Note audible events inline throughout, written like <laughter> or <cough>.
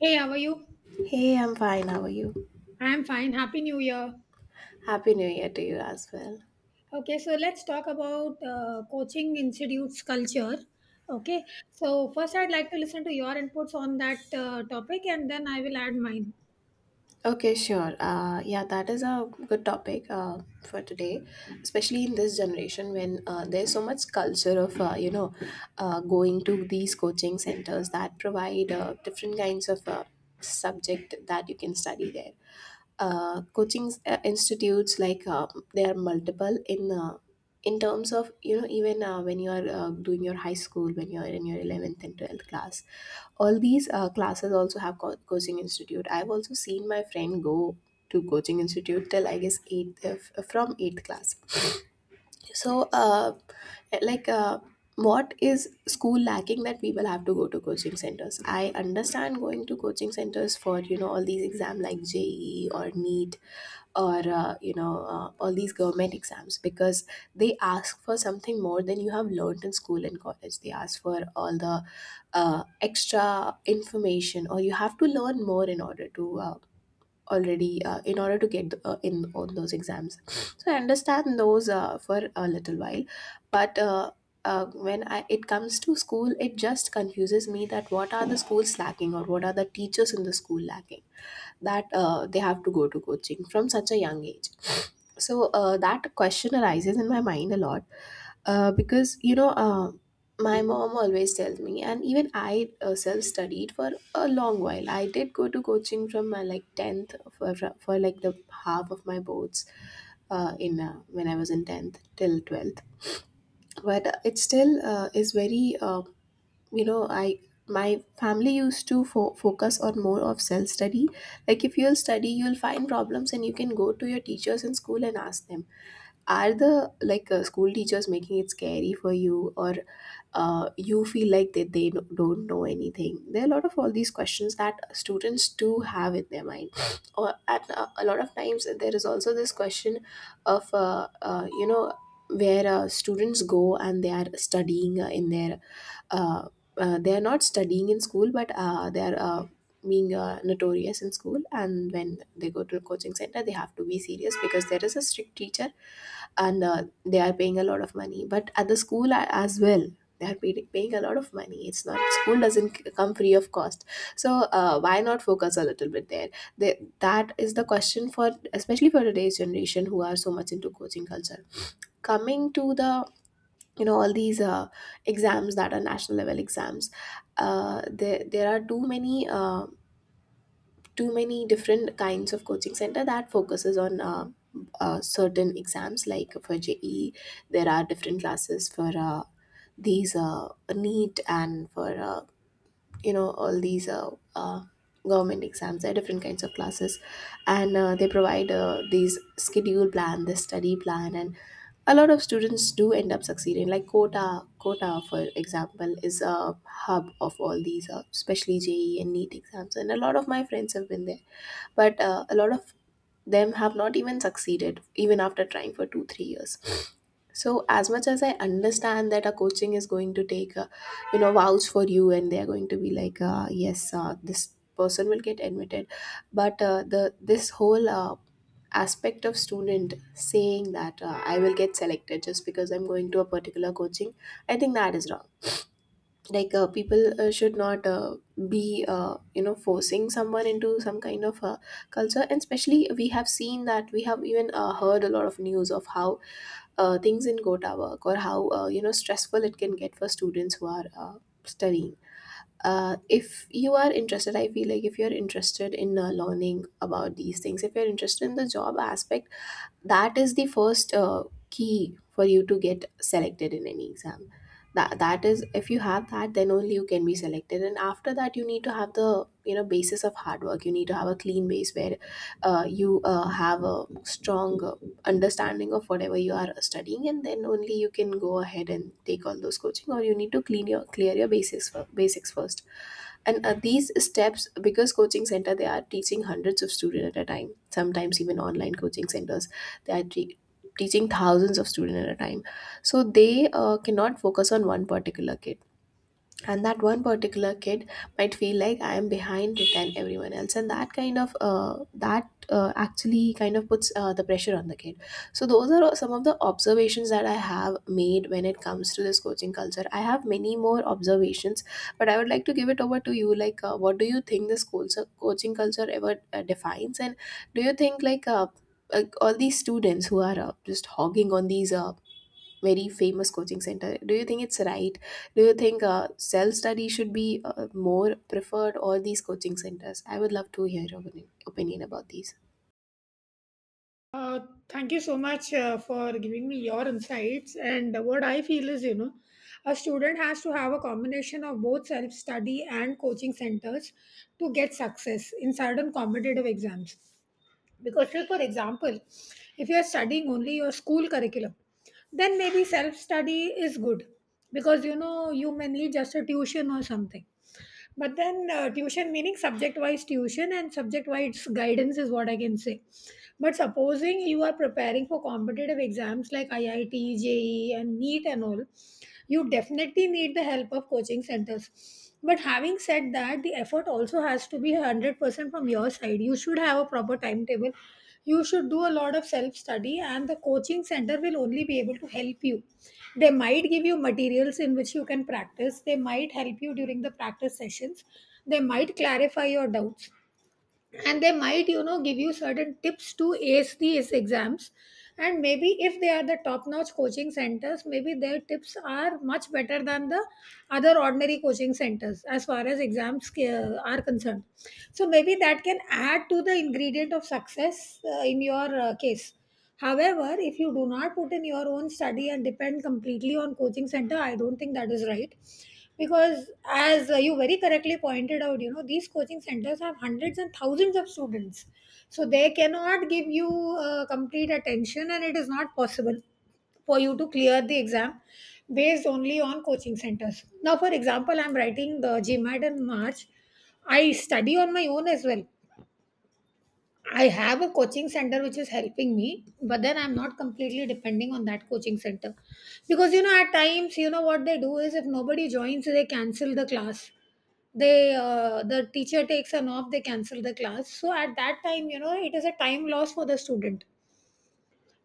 Hey, how are you? Hey, I'm fine. How are you? I'm fine. Happy New Year. Happy New Year to you as well. Okay, so let's talk about coaching institutes culture. Okay, so first I'd like to listen to your inputs on that topic, and then I will add mine. Okay, sure. Yeah, that is a good topic for today, especially in this generation when there's so much culture of going to these coaching centers that provide different kinds of subject that you can study there. Coaching institutes, like, there are multiple in terms of even when you are doing your high school, when you are in your 11th and 12th class. All these classes also have coaching institute. I've also seen my friend go to coaching institute till, I guess, eighth, from eighth class. So, like, what is school lacking that people have to go to coaching centers? I understand going to coaching centers for, all these exams like JE or NEET, or all these government exams, because they ask for something more than you have learned in school and college. They ask for all the extra information, or you have to learn more in order to already in order to get in on those exams. <sniffs> So I understand those, for a little while, but it comes to school, it just confuses me that what are the schools lacking, or what are the teachers in the school lacking, that they have to go to coaching from such a young age. <sniffs> So that question arises in my mind a lot, because, my mom always tells me, and even I self-studied for a long while. I did go to coaching from, my, like, 10th, for, like, the half of my boards, in when I was in 10th till 12th. But it still is very, I. My family used to focus on more of self study. Like, if you'll study, you'll find problems and you can go to your teachers in school and ask them. Are the, like, school teachers making it scary for you, or you feel like that they don't know anything? There are a lot of all these questions that students do have in their mind. <sniffs> Or at, a lot of times, there is also this question of where students go and they are studying, in their uh, they are not studying in school, but they are being notorious in school, and when they go to a coaching center they have to be serious because there is a strict teacher. And they are paying a lot of money, but at the school as well they are paying a lot of money. It's not, school doesn't come free of cost. So why not focus a little bit there? That is the question, for especially for today's generation, who are so much into coaching culture. Coming to the, all these exams that are national level exams, there are too many, different kinds of coaching center that focuses on certain exams, like for JE. There are different classes for these, NEET, and for, all these, government exams. There are different kinds of classes, and they provide these schedule plan, the study plan, and a lot of students do end up succeeding, like Quota, for example, is a hub of all these, especially JE and NEET exams, and a lot of my friends have been there. But a lot of them have not even succeeded, even after trying for 2 3 years. So, as much as I understand that a coaching is going to take a, vouch for you, and they are going to be like, yes, this person will get admitted. But, the this whole aspect of student saying that I will get selected just because I'm going to a particular coaching, I think that is wrong. Like, people should not be, forcing someone into some kind of culture. And especially we have seen that, we have even heard a lot of news of how things in Kota work, or how, stressful it can get for students who are studying. If you are interested, I feel like, if you're interested in learning about these things, if you're interested in the job aspect, that is the first key for you to get selected in any exam. That is, if you have that, then only you can be selected. And after that you need to have the, basis of hard work. You need to have a clean base where you have a strong understanding of whatever you are studying, and then only you can go ahead and take all those coaching. Or you need to clean your clear your basics first. And these steps, because coaching center, they are teaching hundreds of students at a time. Sometimes even online coaching centers, they are teaching thousands of students at a time. So they cannot focus on one particular kid. And that one particular kid might feel like, I am behind than everyone else, and that kind of, that, actually kind of puts, the pressure on the kid. So those are some of the observations that I have made when it comes to this coaching culture. I have many more observations, but I would like to give it over to you. Like, what do you think, coaching culture ever defines? And do you think, like, all these students who are just hogging on these very famous coaching center, do you think it's right? Do you think self study should be more preferred, or these coaching centers? I would love to hear your opinion about these. Uh, Thank you so much for giving me your insights. And what I feel is, you know, a student has to have a combination of both self study and coaching centers to get success in certain competitive exams. Because, say, for example, if you are studying only your school curriculum, then maybe self study is good because you know you may need just a tuition or something, but then tuition meaning subject wise tuition and subject wise guidance is what I can say. But supposing you are preparing for competitive exams like IIT, JE and NEET and all, you definitely need the help of coaching centers. But having said that, the effort also has to be 100% from your side. You should have a proper timetable, you should do a lot of self study, and the coaching center will only be able to help you. They might give you materials in which you can practice, they might help you during the practice sessions, they might clarify your doubts, and they might, you know, give you certain tips to ace these exams. And maybe if they are the top notch coaching centers, maybe their tips are much better than the other ordinary coaching centers as far as exams are concerned. So maybe that can add to the ingredient of success in your case. However, if you do not put in your own study and depend completely on coaching center, I don't think that is right. Because as you very correctly pointed out, you know, these coaching centers have hundreds and thousands of students. So they cannot give you complete attention, and it is not possible for you to clear the exam based only on coaching centers. Now, for example, I'm writing the GMAT in March. I study on my own as well. I have a coaching center which is helping me, but then I'm not completely depending on that coaching center. Because, you know, at times, you know, what they do is if nobody joins, they cancel the class. They, the teacher takes an off, they cancel the class. So at that time, you know, it is a time loss for the student.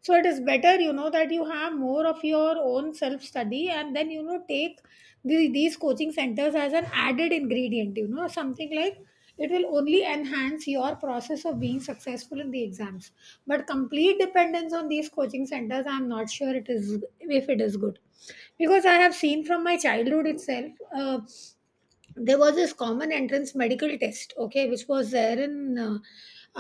So it is better, you know, that you have more of your own self study and then, you know, take the, these coaching centers as an added ingredient, you know, something like it will only enhance your process of being successful in the exams. But complete dependence on these coaching centers, I'm not sure it is, if it is good. Because I have seen from my childhood itself, there was this common entrance medical test, okay, which was there in uh,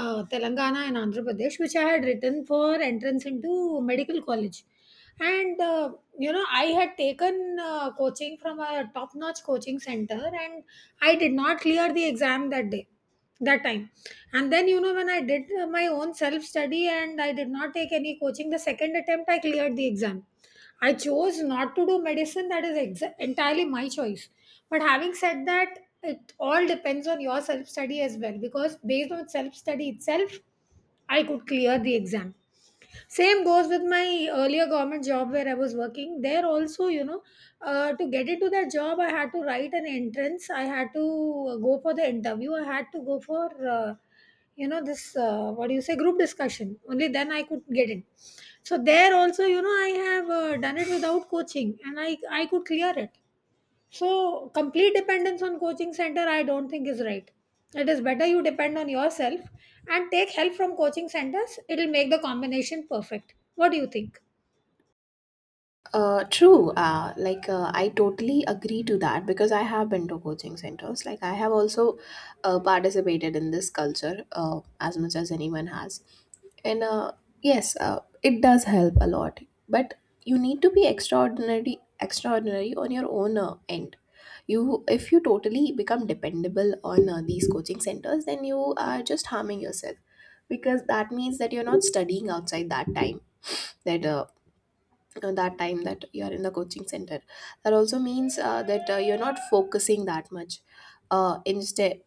uh, Telangana and Andhra Pradesh, which I had written for entrance into medical college. And you know, I had taken coaching from a top notch coaching center, and I did not clear the exam that day, that time. And then, you know, when I did my own self study and I did not take any coaching, the second attempt I cleared the exam. I chose not to do medicine. That is entirely my choice. But having said that, it all depends on your self study as well, because based on self study itself, I could clear the exam. Same goes with my earlier government job where I was working. There also, you know, to get into that job I had to write an entrance, I had to go for the interview, I had to go for you know, this what do you say, group discussion, only then I could get in. So there also, you know, I have done it without coaching, and I could clear it. So, complete dependence on coaching center, I don't think is right. It is better you depend on yourself and take help from coaching centers. It will make the combination perfect. What do you think? True. Like, I totally agree to that, because I have been to coaching centers. Like, I have also participated in this culture as much as anyone has, and, yes, it does help a lot. But you need to be extraordinary, extraordinary on your own end. If you totally become dependable on these coaching centers, then you are just harming yourself, because that means that you're not studying outside that time, that uh, that you're in the coaching center. That also means that you're not focusing that much, instead,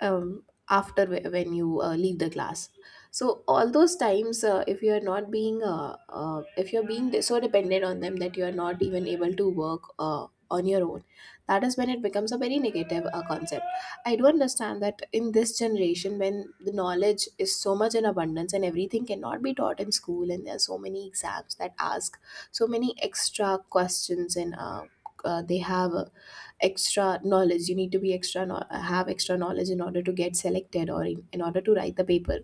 um, after when you leave the class. So all those times, if you're not being, if you're being de- so dependent on them that you're not even able to work on your own, that is when it becomes a very negative concept. I do understand that in this generation, when the knowledge is so much in abundance, and everything cannot be taught in school, and there are so many exams that ask so many extra questions, and they have extra knowledge, you need to be have extra knowledge in order to get selected, or in order to write the paper.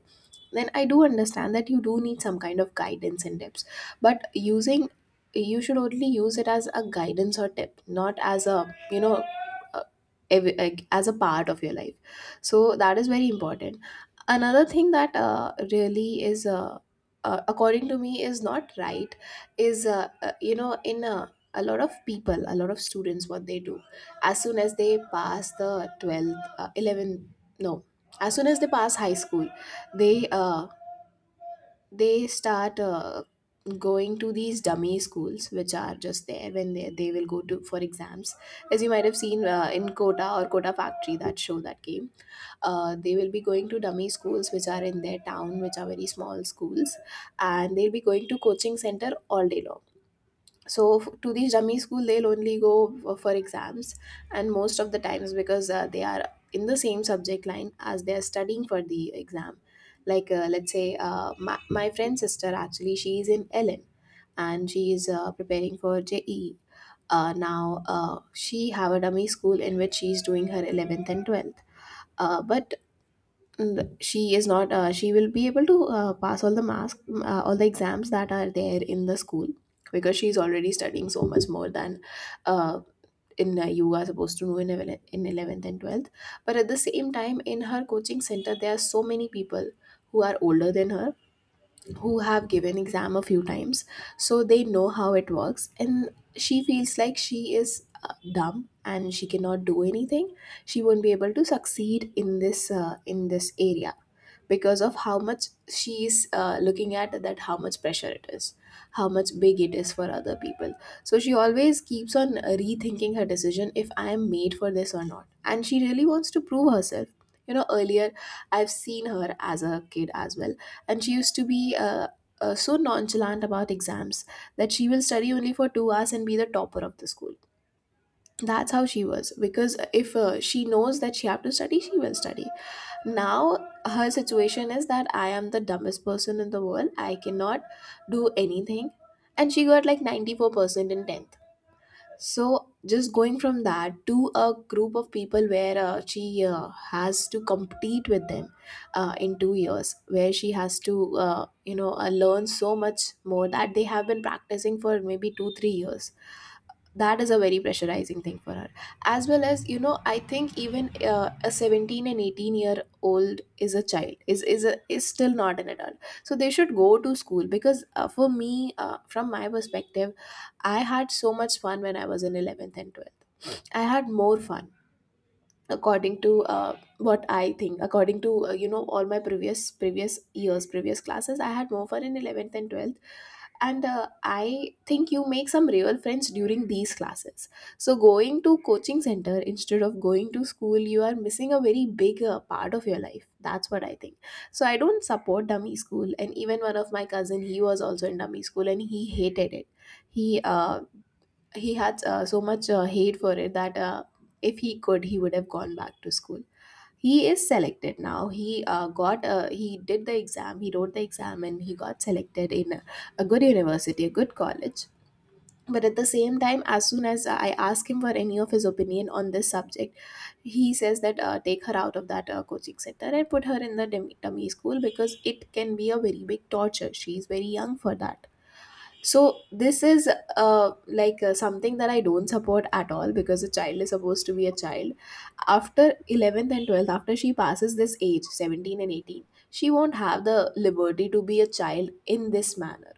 Then I do understand that you do need some kind of guidance and tips, but using you should only use it as a guidance or tip, not as a you know uh, like, as a part of your life. So that is very important. Another thing that really is, according to me, is not right. Is, in a lot of people, a lot of students, what they do as soon as they pass the 12th, 11, no, as soon as they pass high school, they uh they start going to these dummy schools, which are just there when they will go to for exams. As you might have seen, in Kota, or Kota Factory, that show that came, they will be going to dummy schools which are in their town, which are very small schools, and they'll be going to coaching center all day long. So, to these dummy school they'll only go for exams. And most of the times, because they are in the same subject line as they are studying for the exam. Like, let's say, my friend's sister, actually, she is in ln, and she is preparing for JE. Now she have a dummy school in which she is doing her 11th and 12th, but and she is not, she will be able to pass all the mask all the exams that are there in the school, because she is already studying so much more than uh, in you are supposed to know in 11th and 12th. But at the same time, in her coaching center there are so many people who are older than her, who have given exam a few times, so they know how it works. And she feels like she is dumb and she cannot do anything. She won't be able to succeed in this area, because of how much she's looking at that, how much pressure it is, how much big it is for other people. So she always keeps on rethinking her decision if I am made for this or not, and she really wants to prove herself. Earlier I've seen her as a kid as well. And she used to be so nonchalant about exams, that she will study only for 2 hours and be the topper of the school. That's how she was, because if she knows that she have to study, she will study. Now her situation is that I am the dumbest person in the world, I cannot do anything. And she got like 94% in 10th. So just going from that to a group of people where she has to compete with them in 2 years, where she has to learn so much more that they have been practicing for maybe 2 3 years. That is a very pressurizing thing for her, as well as, you know, I think even a 17 and 18 year old is a child, is still not an adult. So they should go to school. Because for me, from my perspective, I had so much fun when I was in 11th and 12th. I had more fun according to what I think, according to all my previous years, previous classes. I had more fun in 11th and 12th. And I think you make some real friends during these classes. So going to coaching center instead of going to school, you are missing a very big part of your life. That's what I think. So I don't support dummy school. And even one of my cousin, he was also in dummy school, and he hated it. He uh, he had so much hate for it, that if he could, he would have gone back to school. He is selected now. He did the exam, he wrote the exam, and he got selected in a good university, a good college. But at the same time, as soon as I ask him for any of his opinion on this subject, he says that take her out of that coaching center and put her in the dummy school, because it can be a very big torture. She is very young for that. So this is like something that I don't support at all, because a child is supposed to be a child. After 11th and 12th, after she passes this age, 17 and 18, she won't have the liberty to be a child in this manner,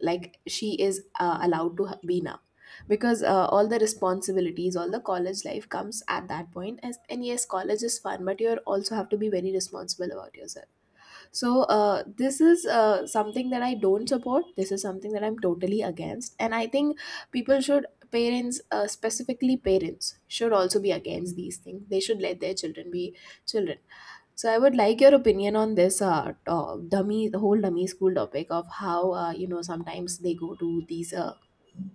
like she is allowed to be now. Because all the responsibilities, all the college life comes at that point. And yes, college is fun, but you also have to be very responsible about yourself. So this is something that I don't support. This is something that I'm totally against, and I think people should parents, specifically parents, should also be against these things. They should let their children be children. So I would like your opinion on this, to- dummy the whole dummy school topic, of how sometimes they go to these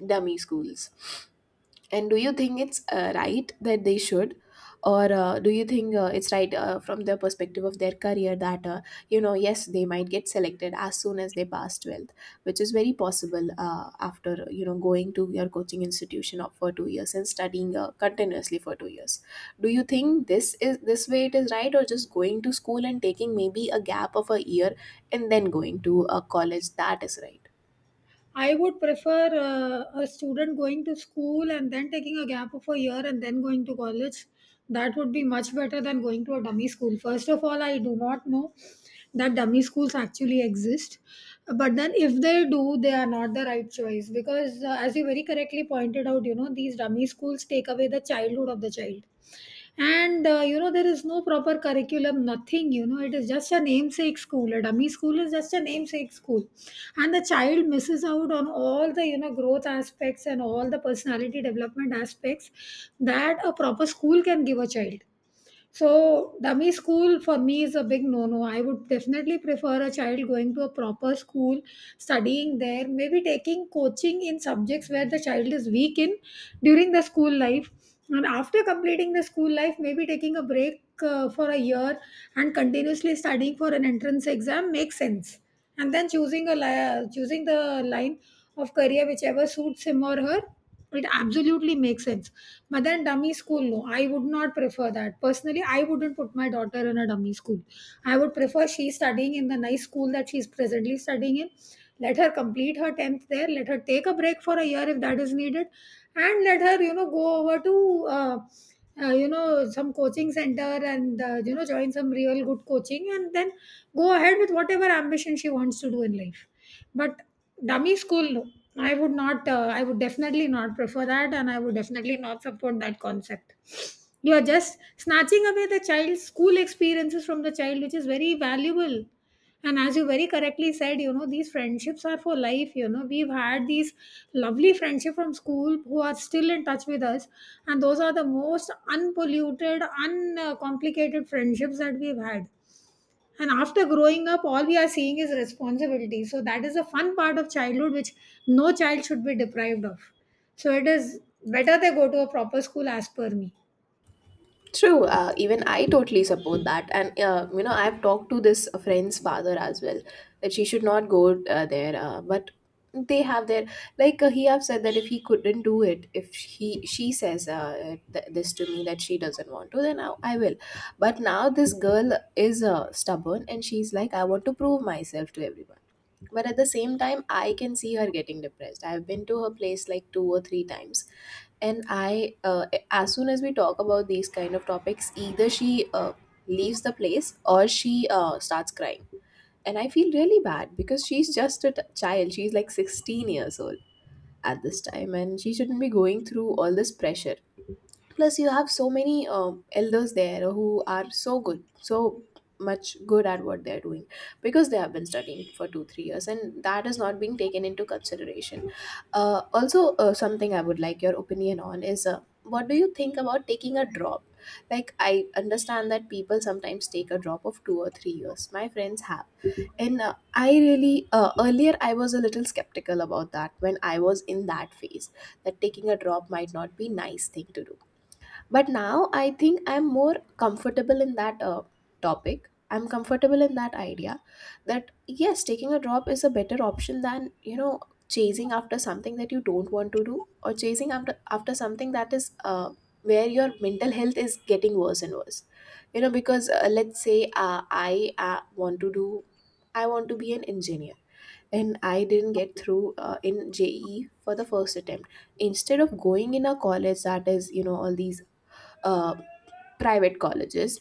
dummy schools. And do you think it's right that they should? Or do you think it's right from the perspective of their career that, yes, they might get selected as soon as they pass 12th, which is very possible after, you know, going to your coaching institution for 2 years and studying continuously for 2 years. Do you think this way it is right, or just going to school and taking maybe a gap of a year and then going to a college, that is right? I would prefer a student going to school and then taking a gap of a year and then going to college. That would be much better than going to a dummy school. First of all, I do not know that dummy schools actually exist. But then, if they do, they are not the right choice because, as you very correctly pointed out, you know, these dummy schools take away the childhood of the child. And you know, there is no proper curriculum, nothing, you know, it is just a namesake school. A dummy school is just a namesake school, and the child misses out on all the, you know, growth aspects and all the personality development aspects that a proper school can give a child. So, dummy school for me is a big no no. I would definitely prefer a child going to a proper school, studying there, maybe taking coaching in subjects where the child is weak in during the school life. And after completing the school life, maybe taking a break for a year and continuously studying for an entrance exam makes sense. And then choosing a choosing the line of career whichever suits him or her, it absolutely makes sense. But then dummy school, no, I would not prefer that. Personally, I wouldn't put my daughter in a dummy school. I would prefer she's studying in the nice school that she's presently studying in. Let her complete her 10th there. Let her take a break for a year if that is needed. And let her, you know, go over to, you know, some coaching center, and, you know, join some real good coaching, and then go ahead with whatever ambition she wants to do in life. But dummy school, no. I would not, I would definitely not prefer that, and I would definitely not support that concept. You are just snatching away the child's school experiences from the child, which is very valuable. And as you very correctly said, you know, these friendships are for life. You know, we've had these lovely friendship from school who are still in touch with us. And those are the most unpolluted, uncomplicated friendships that we've had. And after growing up, all we are seeing is responsibility. So that is a fun part of childhood which no child should be deprived of. So it is better they go to a proper school as per me. True. Even I totally support that, and I've talked to this friend's father as well, that she should not go there. But they have their, he have said that if he couldn't do it, if he she says this to me that she doesn't want to, then I will. But now this girl is stubborn, and she's like, I want to prove myself to everyone. But at the same time, I can see her getting depressed. I've been to her place like two or three times, and I as soon as we talk about these kind of topics, either she leaves the place or she starts crying. And I feel really bad, because she's just a child, she's like 16 years old at this time, and she shouldn't be going through all this pressure. Plus you have so many elders there, who are so much good at what they're doing, because they have been studying for 2 3 years, and that is not being taken into consideration. Also, something I would like your opinion on is, what do you think about taking a drop? Like, I understand that people sometimes take a drop of 2 or 3 years, my friends have. And I really earlier I was a little skeptical about that when I was in that phase, that taking a drop might not be nice thing to do. But now I think I'm more comfortable in that, topic, I'm comfortable in that idea, that yes, taking a drop is a better option than, chasing after something that you don't want to do, or chasing after something that is where your mental health is getting worse and worse. You know, because let's say, I want to be an engineer, and I didn't get through in JE for the first attempt, instead of going in a college that is, you know, all these uh, private colleges.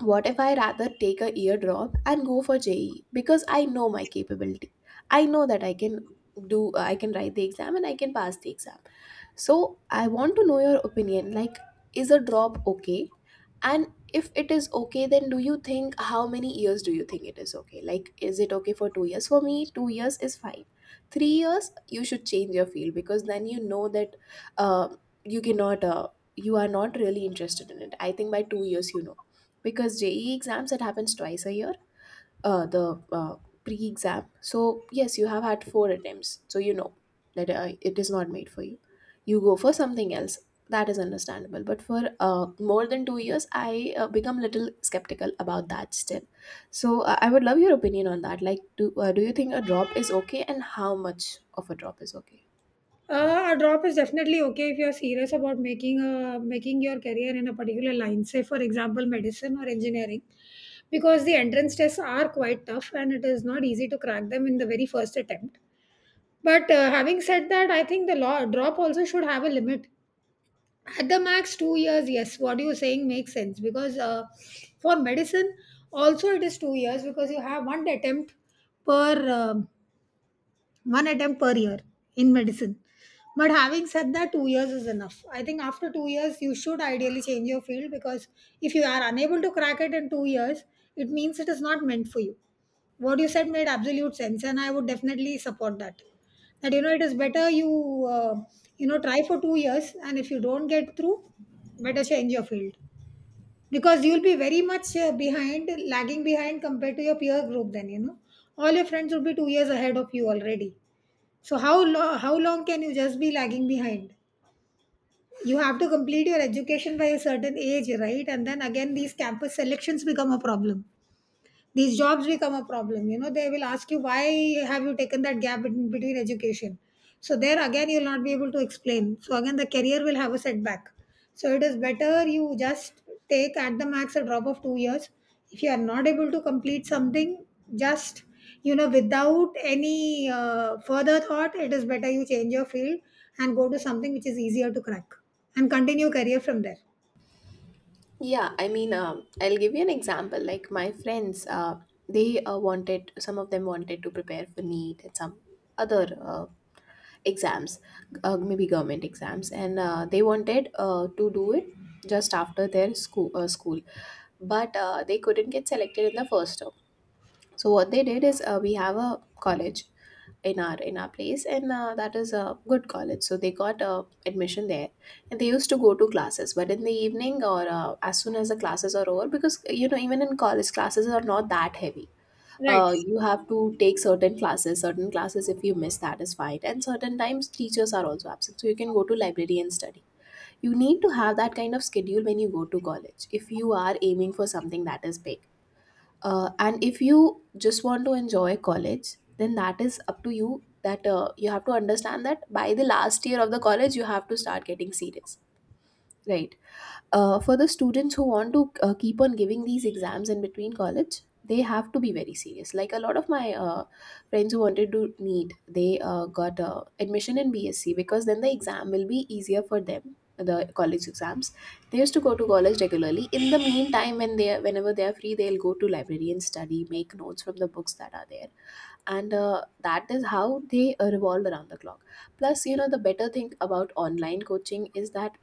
What if I rather take a year drop and go for JE, because I know my capability. I know that I can write the exam and I can pass the exam. So I want to know your opinion. Like, is a drop okay? And if it is okay, then do you think how many years do you think it is okay? Like, is it okay for 2 years? For me, 2 years is fine. 3 years, you should change your field, because then you know that uh, you cannot, you are not really interested in it. I think by 2 years, you know. Because JE exams, it happens twice a year, the pre-exam. So yes, you have had four attempts. So you know that it is not made for you. You go for something else. That is understandable. But for more than 2 years, I become little skeptical about that still. So I would love your opinion on that. Like, do you think a drop is okay, and how much of a drop is okay? A drop is definitely okay if you are serious about making making your career in a particular line, say for example medicine or engineering, because the entrance tests are quite tough and it is not easy to crack them in the very first attempt. But having said that, I think the law drop also should have a limit, at the max 2 years. Yes, what you're saying makes sense, because for medicine also it is 2 years because you have per um, one attempt per year in medicine. But having said that, 2 years is enough. I think after 2 years you should ideally change your field, because if you are unable to crack it in 2 years, it means it is not meant for you. What you said made absolute sense, and I would definitely support that. That, you know, it is better you you know, try for 2 years, and if you don't get through, better change your field. Because you'll be very much behind, lagging behind compared to your peer group. Then, you know, all your friends will be 2 years ahead of you already. So how how long can you just be lagging behind? You have to complete your education by a certain age, right? And then again, these campus selections become a problem, these jobs become a problem. You know, they will ask you why have you taken that gap in between education. So there again, you'll not be able to explain, so again the career will have a setback. So it is better you just take at the max a drop of 2 years. If you are not able to complete something, just, you know, without any further thought, it is better you change your field and go to something which is easier to crack and continue career from there. Yeah, I mean, I'll give you an example. Like my friends, they wanted some of them wanted to prepare for NEET, and some other exams, maybe government exams, and they wanted to do it just after their school, but they couldn't get selected in the first term. So what they did is, we have a college in our place, and that is a good college. So they got admission there, and they used to go to classes, but in the evening or as soon as the classes are over, because you know even in college classes are not that heavy. Right. You have to take certain classes. If you miss, that is fine, and certain times teachers are also absent, so you can go to library and study. You need to have that kind of schedule when you go to college if you are aiming for something that is big. And if you just want to enjoy college, then that is up to you. That you have to understand, that by the last year of the college you have to start getting serious, right? For the students who want to keep on giving these exams in between college, they have to be very serious. Like a lot of my friends who wanted to need, they got admission in BSc, because then the exam will be easier for them, the college exams. They used to go to college regularly. In the meantime, whenever they are free, they'll go to library and study, make notes from the books that are there. And that is how they revolve around the clock. Plus, you know, the better thing about online coaching is that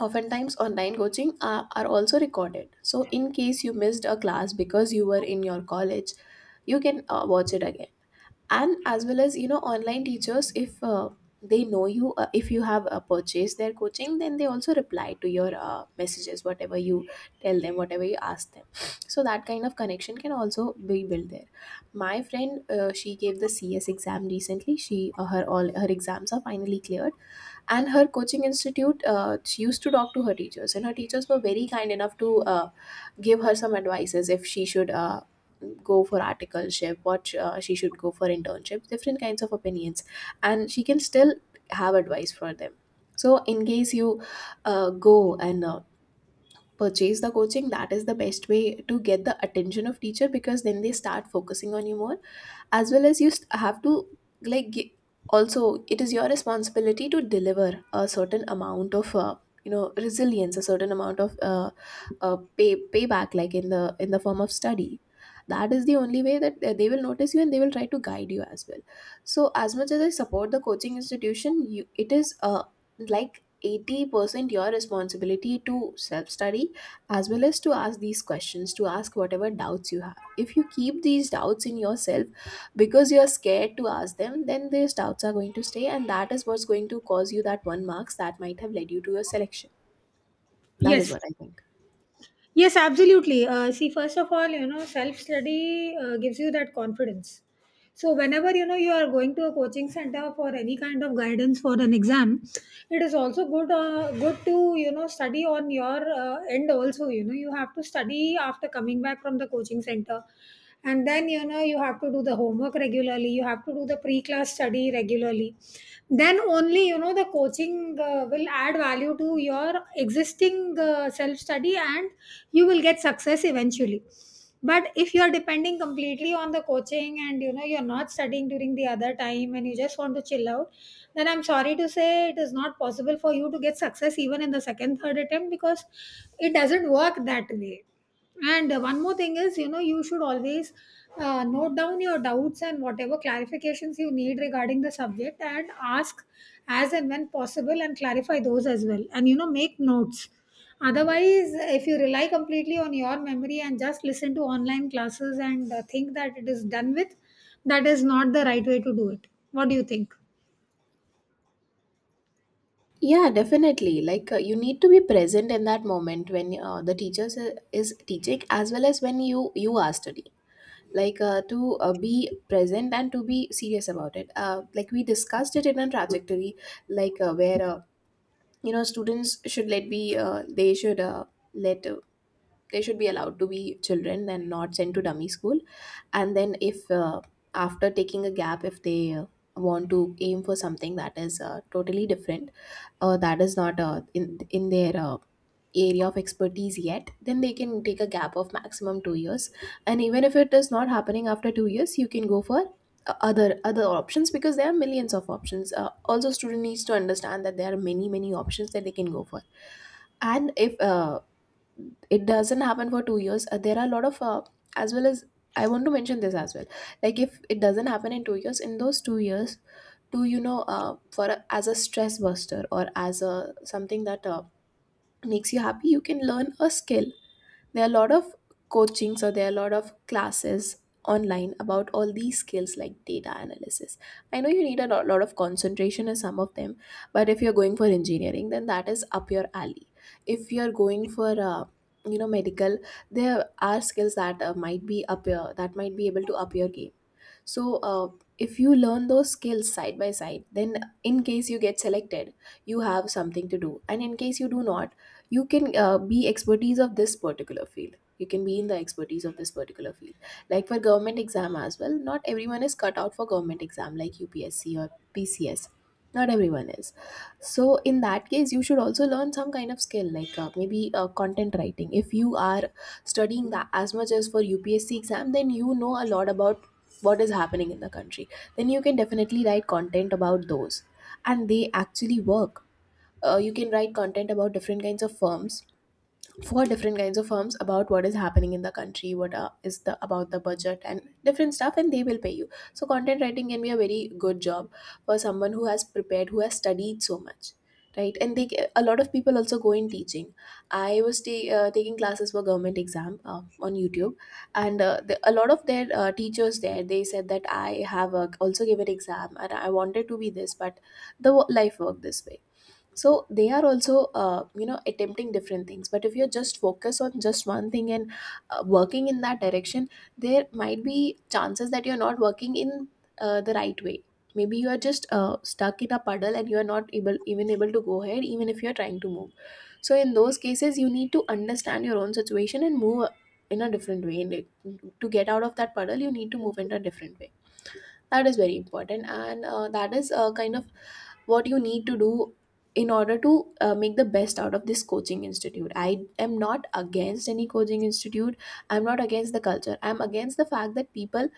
oftentimes online coaching are also recorded. So in case you missed a class because you were in your college, you can watch it again. And as well as, you know, online teachers, if they know you, if you have purchased their coaching, then they also reply to your messages, whatever you tell them, whatever you ask them. So that kind of connection can also be built there. My friend, she gave the CS exam recently. She her all her exams are finally cleared, and her coaching institute, she used to talk to her teachers, and her teachers were very kind enough to give her some advices, if she should go for articleship, what she should go for internships, different kinds of opinions. And she can still have advice for them. So in case you go and purchase the coaching, that is the best way to get the attention of teacher, because then they start focusing on you more. As well as have to, like gi- also it is your responsibility to deliver a certain amount of, you know, resilience, a certain amount of payback, like in the form of study. That is the only way that they will notice you and they will try to guide you as well. So as much as I support the coaching institution, you, it is like 80% your responsibility to self study, as well as to ask these questions, to ask whatever doubts you have. If you keep these doubts in yourself because you're scared to ask them, then these doubts are going to stay, and that is what's going to cause you that one marks that might have led you to your selection. That is Yes. what I think. Yes, absolutely. See, first of all, you know, self study gives you that confidence. So, whenever you know you are going to a coaching center for any kind of guidance for an exam, it is also good, good to, you know, study on your end. Also, you know, you have to study after coming back from the coaching center, and then, you know, you have to do the homework regularly. You have to do the pre-class study regularly. Then only, you know, the coaching will add value to your existing self-study, and you will get success eventually. But if you are depending completely on the coaching and, you know, you're not studying during the other time and you just want to chill out, then I'm sorry to say it is not possible for you to get success even in the second, third attempt, because it doesn't work that way. And one more thing is, you know, you should always note down your doubts and whatever clarifications you need regarding the subject, and ask as and when possible, and clarify those as well. And, you know, make notes. Otherwise, if you rely completely on your memory and just listen to online classes and think that it is done with, that is not the right way to do it. What do you think? Yeah, definitely. Like you need to be present in that moment when the teacher is teaching, as well as when you are studying. Like to be present and to be serious about it, like we discussed it in a trajectory, like where you know students should let be, they should let they should be allowed to be children and not sent to dummy school. And then if after taking a gap, if they want to aim for something that is totally different, or that is not in their area of expertise yet, then they can take a gap of maximum 2 years. And even if it is not happening after 2 years, you can go for other options, because there are millions of options. Also, student needs to understand that there are many options that they can go for. And if it doesn't happen for 2 years, there are a lot of as well as, I want to mention this as well. Like if it doesn't happen in 2 years, in those 2 years, to, you know, for a, as a stress buster, or as a something that makes you happy, you can learn a skill. There are a lot of coachings, or there are a lot of classes online, about all these skills, like data analysis. I know you need a lot of concentration in some of them, but if you're going for engineering, then that is up your alley. If you're going for, you know, medical, there are skills that might be up your, that might be able to up your game. So if you learn those skills side by side, then in case you get selected, you have something to do, and in case you do not, you can be expertise of this particular field, you can be in the expertise of this particular field. Like for government exam as well, not everyone is cut out for government exam, like UPSC or PCS. Not everyone is. So in that case, you should also learn some kind of skill, like maybe content writing. If you are studying that as much as for UPSC exam, then you know a lot about what is happening in the country. Then you can definitely write content about those, and they actually work. You can write content about different kinds of firms, four different kinds of firms, about what is happening in the country, what is the, about the budget and different stuff, and they will pay you. So content writing can be a very good job for someone who has prepared, who has studied so much, right? And they, a lot of people also go in teaching. I was taking classes for government exam on YouTube. And a lot of their teachers there, they said that I have also given exam and I wanted to be this, but life worked this way. So they are also you know attempting different things. But if you are just focus on just one thing and working in that direction, there might be chances that you're not working in the right way. Maybe you are just stuck in a puddle and you are not able, even able to go ahead, even if you're trying to move. So in those cases, you need to understand your own situation and move in a different way. To get out of that puddle, you need to move in a different way. That is very important, and that is kind of what you need to do in order to make the best out of this coaching institute. I am not against any coaching institute. I'm not against the culture. I'm against the fact that people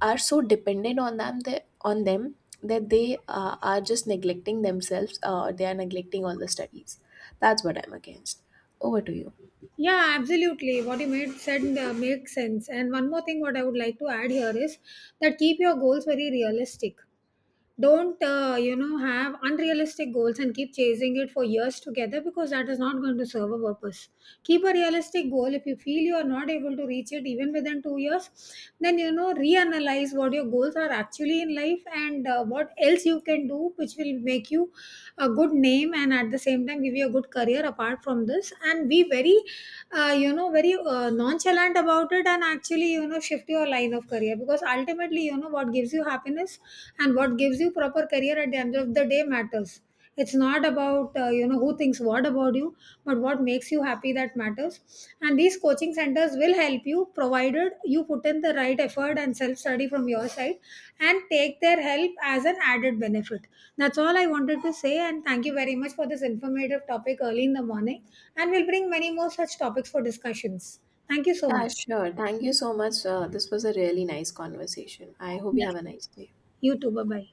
are so dependent on them, on them, that they are just neglecting themselves. They are neglecting all the studies. That's what I'm against. Over to you. Yeah, absolutely. What you made said makes sense. And one more thing, what I would like to add here is that keep your goals very realistic. Don't you know, have unrealistic goals and keep chasing it for years together, because that is not going to serve a purpose. Keep a realistic goal. If you feel you are not able to reach it even within 2 years, then, you know, reanalyze what your goals are actually in life, and what else you can do which will make you a good name, and at the same time give you a good career apart from this, and be very you know, very nonchalant about it, and actually, you know, shift your line of career. Because ultimately, you know, what gives you happiness and what gives you proper career at the end of the day matters. It's not about you know, who thinks what about you, but what makes you happy, that matters. And these coaching centers will help you, provided you put in the right effort and self study from your side and take their help as an added benefit. That's all I wanted to say, and thank you very much for this informative topic early in the morning, and we'll bring many more such topics for discussions. Thank you so Yeah, much. sure, thank you so much. This was a really nice conversation. I hope you Yes. have a nice day. You too. Bye bye.